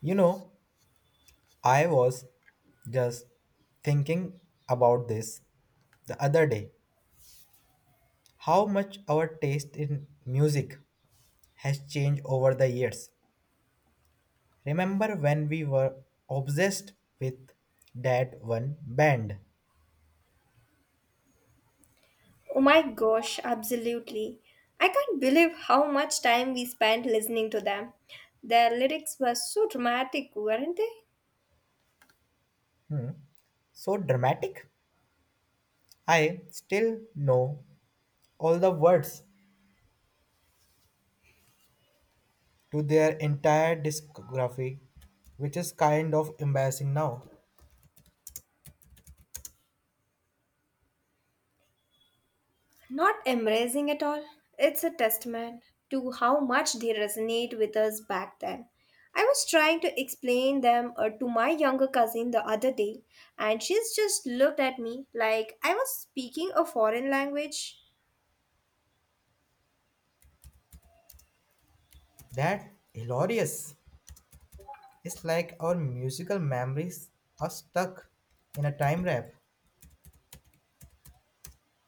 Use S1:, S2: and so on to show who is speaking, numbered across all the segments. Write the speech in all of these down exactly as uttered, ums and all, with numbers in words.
S1: You know, I was just thinking about this the other day, how much our taste in music has changed over the years. Remember when we were obsessed with that one band?
S2: Oh my gosh, absolutely. I can't believe how much time we spent listening to them. Their lyrics were so dramatic, weren't they?
S1: So dramatic. I still know all the words to their entire discography, which is kind of embarrassing now.
S2: Not embracing at all. It's a testament to how much they resonate with us back then. I was trying to explain them uh, to my younger cousin the other day, and she's just looked at me like I was speaking a foreign language.
S1: That hilarious. It's like our musical memories are stuck in a time wrap.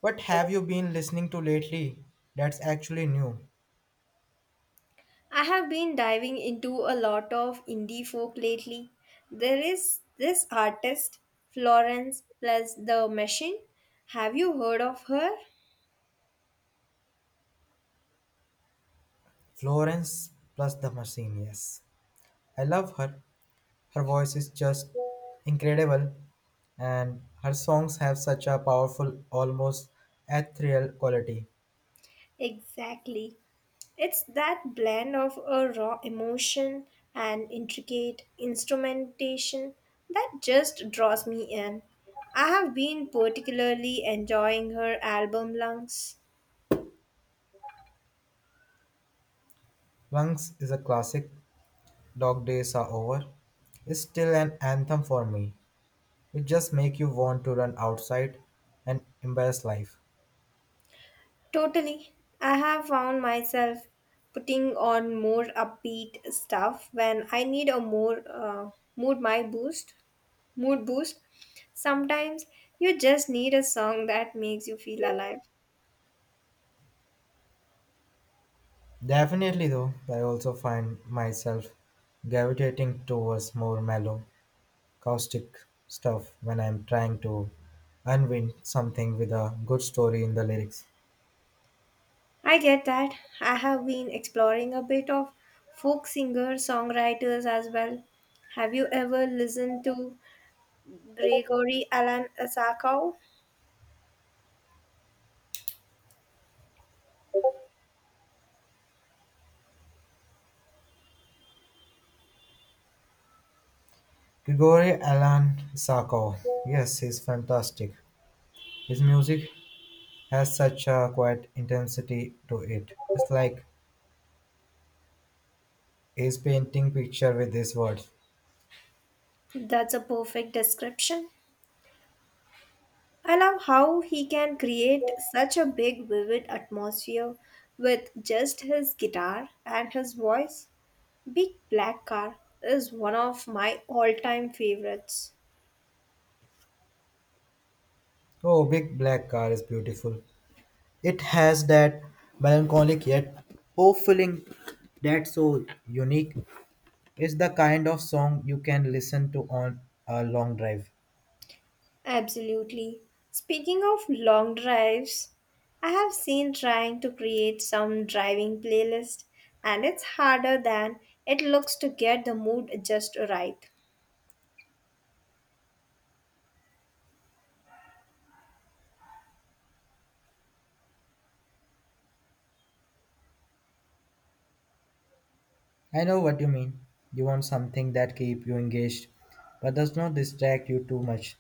S1: What have you been listening to lately that's actually new?
S2: I have been diving into a lot of indie folk lately. There is this artist, Florence plus the Machine. Have you heard of her?
S1: Florence plus the machine, yes. I love her. Her voice is just incredible, and her songs have such a powerful, almost ethereal quality.
S2: Exactly. It's that blend of a raw emotion and intricate instrumentation that just draws me in. I have been particularly enjoying her album Lungs.
S1: Lungs is a classic, Dog Days Are Over is still an anthem for me. It just makes you want to run outside and embrace life.
S2: Totally. I have found myself putting on more upbeat stuff when I need a more uh, mood my boost, mood boost. Sometimes you just need a song that makes you feel alive.
S1: Definitely, though, I also find myself gravitating towards more mellow, caustic stuff when I'm trying to unwind something with a good story in the lyrics.
S2: I get that. I have been exploring a bit of folk singer songwriters as well. Have you ever listened to Gregory Alan Asakov?
S1: Grigory Alan Sakov, yes, he's fantastic. His music has such a quiet intensity to it. It's like he's painting picture with his words.
S2: That's a perfect description. I love how he can create such a big, vivid atmosphere with just his guitar and his voice. Big Black Car is one of my all time favorites.
S1: Oh, big black car is beautiful. It has that melancholic yet fulfilling that's so unique. It's the kind of song you can listen to on a long drive.
S2: Absolutely. Speaking of long drives, I have seen trying to create some driving playlist, and it's harder than it looks to get the mood just right.
S1: I know what you mean. You want something that keep you engaged, but does not distract you too much.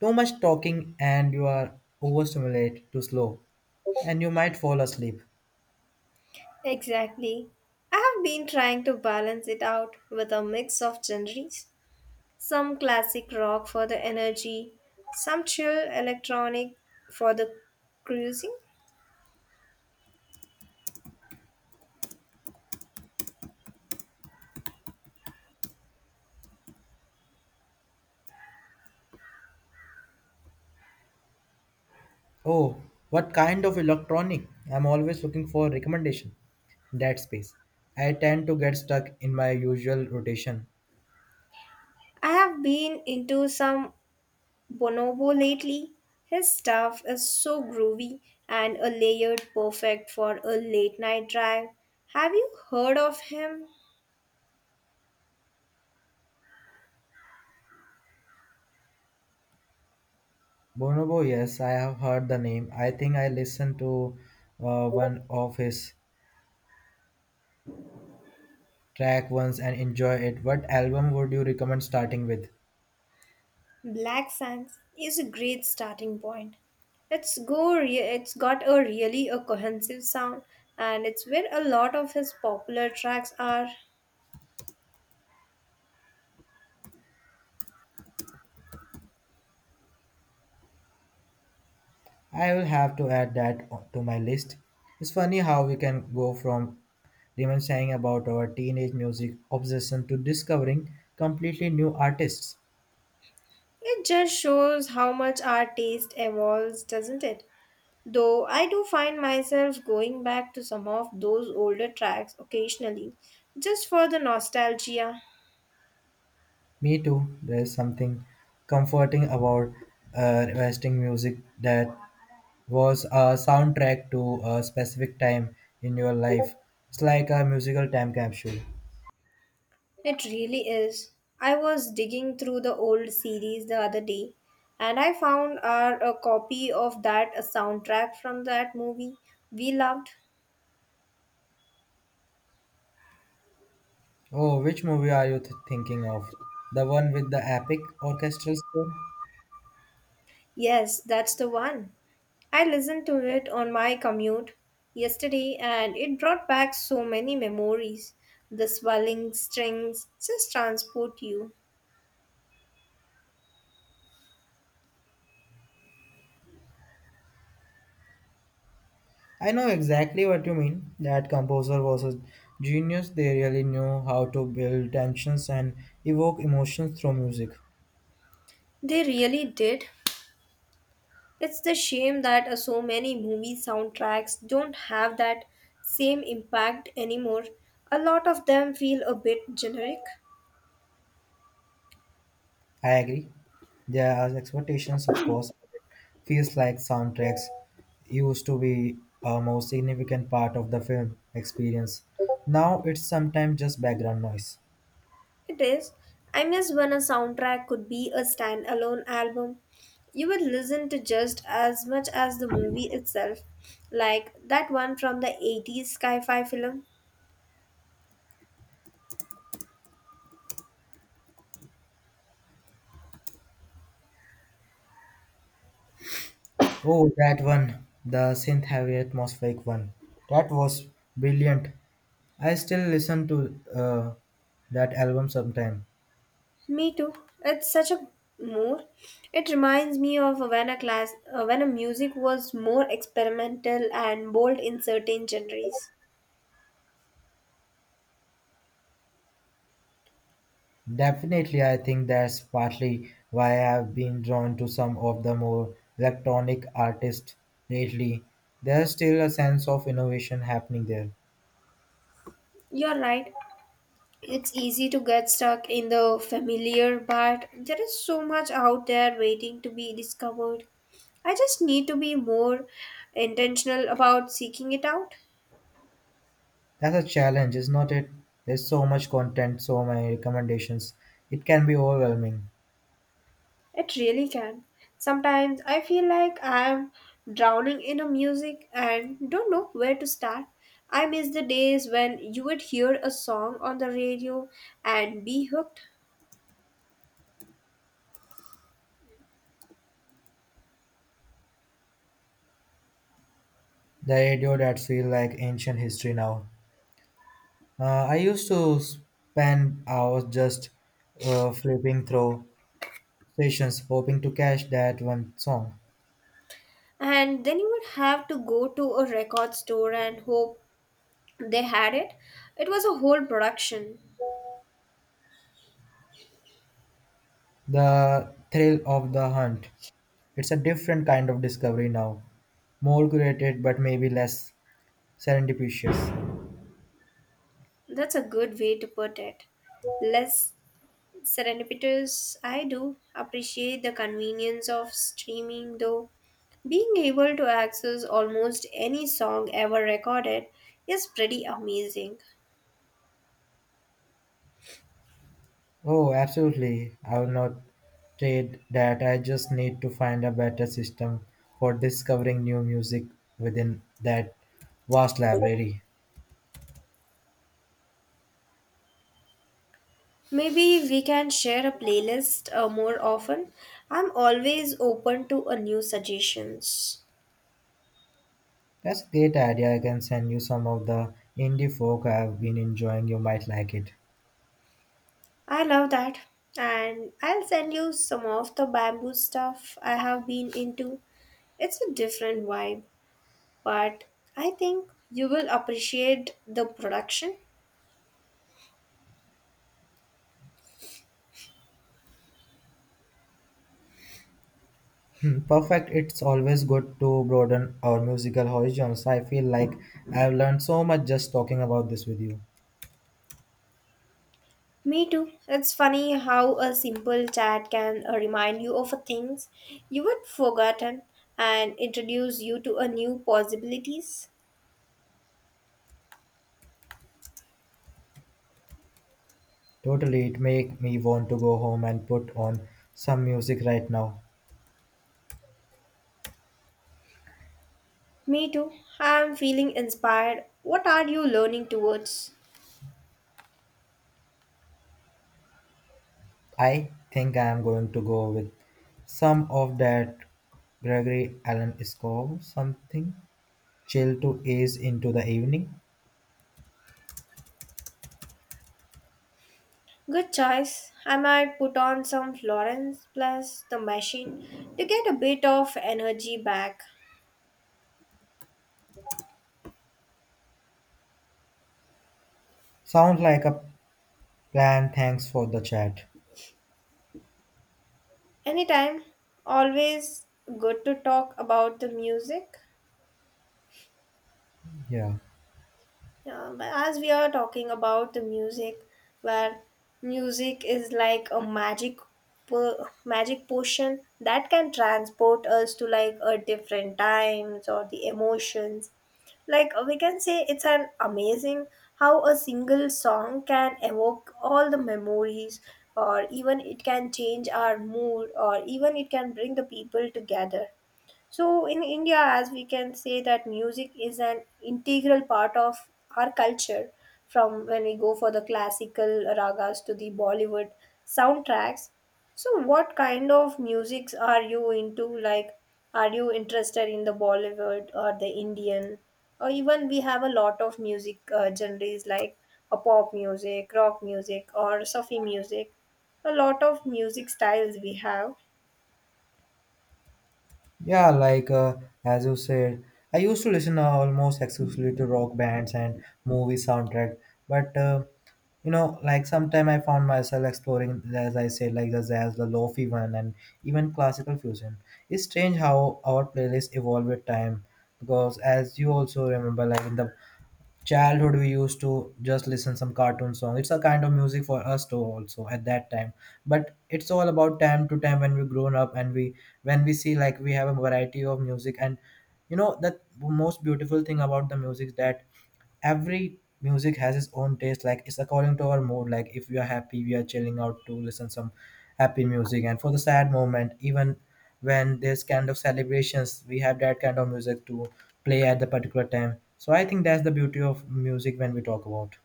S1: Too much talking and you are overstimulated too slow, and you might fall asleep.
S2: Exactly. I have been trying to balance it out with a mix of genres, some classic rock for the energy, some chill electronic for the cruising.
S1: Oh, what kind of electronic? I'm always looking for recommendation. That space. I tend to get stuck in my usual rotation.
S2: I have been into some Bonobo lately. His stuff is so groovy and a layered perfect for a late night drive. Have you heard of him?
S1: Bonobo, yes, I have heard the name. I think I listened to uh, one of his track once and enjoy it. What album would you recommend starting with?
S2: Black Sands is a great starting point. It's go re- it's got a really a cohesive sound, and it's where a lot of his popular tracks are.
S1: I will have to add that o- to my list. It's funny how we can go from reminiscing about our teenage music obsession to discovering completely new artists.
S2: It just shows how much our taste evolves, doesn't it? Though I do find myself going back to some of those older tracks occasionally, just for the nostalgia.
S1: Me too. There's something comforting about uh, requesting music that was a soundtrack to a specific time in your life. It's like a musical time capsule.
S2: It really is. I was digging through the old series the other day, and I found our a copy of that a soundtrack from that movie we loved.
S1: Oh, which movie are you th- thinking of? The one with the epic orchestral score?
S2: Yes, that's the one. I listened to it on my commute yesterday, and it brought back so many memories. The swelling strings just transport you.
S1: I know exactly what you mean. That composer was a genius. They really knew how to build tensions and evoke emotions through music.
S2: They really did. It's the shame that uh, so many movie soundtracks don't have that same impact anymore. A lot of them feel a bit generic.
S1: I agree. There are expectations, of course, but It feels like soundtracks used to be a more significant part of the film experience. Now it's sometimes just background noise.
S2: It is. I miss when a soundtrack could be a standalone album. You would listen to just as much as the movie itself, like that one from the eighties sci fi film.
S1: Oh, that one, the synth heavy atmospheric one. That was brilliant. I still listen to uh, that album sometime.
S2: Me too. It's such a mood. It reminds me of when a class, uh, when a music was more experimental and bold in certain genres.
S1: Definitely, I think that's partly why I've been drawn to some of the more electronic artists lately. There's still a sense of innovation happening there.
S2: You're right. It's easy to get stuck in the familiar, but there is so much out there waiting to be discovered. I just need to be more intentional about seeking it out.
S1: That's a challenge, is not it? There's so much content, so many recommendations. It can be overwhelming.
S2: It really can. Sometimes I feel like I am drowning in a music and don't know where to start. I miss the days when you would hear a song on the radio and be hooked,
S1: The radio that feels like ancient history now. Uh, I used to spend hours just uh, flipping through stations, hoping to catch that one song.
S2: and then you would have to go to a record store and hope they had it. It was a whole production.
S1: The thrill of the hunt. It's a different kind of discovery now. More curated, but maybe less serendipitous.
S2: That's a good way to put it. Less serendipitous. I do appreciate the convenience of streaming, though. Being able to access almost any song ever recorded is pretty amazing.
S1: Oh, absolutely. I will not trade that. I just need to find a better system for discovering new music within that vast library.
S2: Maybe we can share a playlist uh, more often. I'm always open to a new suggestions.
S1: That's a great idea. I can send you some of the indie folk I have been enjoying. You might like it.
S2: I love that. And I'll send you some of the bamboo stuff I have been into. It's a different vibe, but I think you will appreciate the production.
S1: Hmm, perfect. It's always good to broaden our musical horizons. I feel like I've learned so much just talking about this with you.
S2: Me too. It's funny how a simple chat can uh, remind you of things you had forgotten and introduce you to a new possibilities.
S1: Totally, it make me want to go home and put on some music right now.
S2: Me too. I'm feeling inspired. What are you learning towards?
S1: I think I am going to go with some of that Gregory Allen score, something chill to ease into the evening.
S2: Good choice. I might put on some florins plus the machine to get a bit of energy back.
S1: Sounds like a plan. Thanks for the chat.
S2: Anytime. Always good to talk about the music.
S1: Yeah.
S2: Yeah, but as we are talking about the music, where music is like a magic, po- magic potion that can transport us to like a different times or the emotions. Like uh, we can say, it's an amazing how a single song can evoke all the memories, or even it can change our mood, or even it can bring the people together. So in India, as we can say that music is an integral part of our culture, from when we go for the classical ragas to the Bollywood soundtracks. So what kind of musics are you into? Like, are you interested in the Bollywood or the Indian? Or even we have a lot of music uh, genres like a pop music, rock music, or Sufi music. A lot of music styles we have.
S1: Yeah, like uh, as you said, I used to listen uh, almost exclusively to rock bands and movie soundtrack. But uh, you know, like sometime I found myself exploring, as I said, like the jazz, the lofi one, and even classical fusion. It's strange how our playlists evolve with time, because as you also remember, like in the childhood we used to just listen some cartoon song. It's a kind of music for us too also at that time, but it's all about time to time when we grown up, and we when we see like we have a variety of music, and you know that most beautiful thing about the music is that every music has its own taste, like it's according to our mood. Like if we are happy we are chilling out to listen some happy music, and for the sad moment, even when there's kind of celebrations we have that kind of music to play at the particular time. So I think that's the beauty of music when we talk about.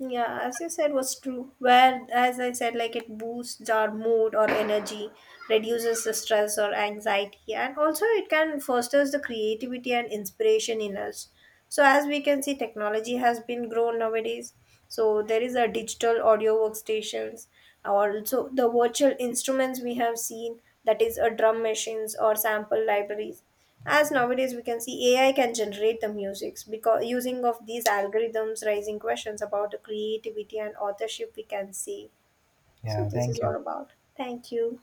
S2: Yeah, as you said, was true. Where, as I said, like it boosts our mood or energy, reduces the stress or anxiety, and also it can fosters the creativity and inspiration in us. So, as we can see, technology has been grown nowadays. So, there is a digital audio workstations, also the virtual instruments we have seen, that is, a drum machines or sample libraries. As nowadays we can see A I can generate the musics because using of these algorithms raising questions about the creativity and authorship we can see. So
S1: Yeah,
S2: this is
S1: thank you.
S2: all about. Thank you.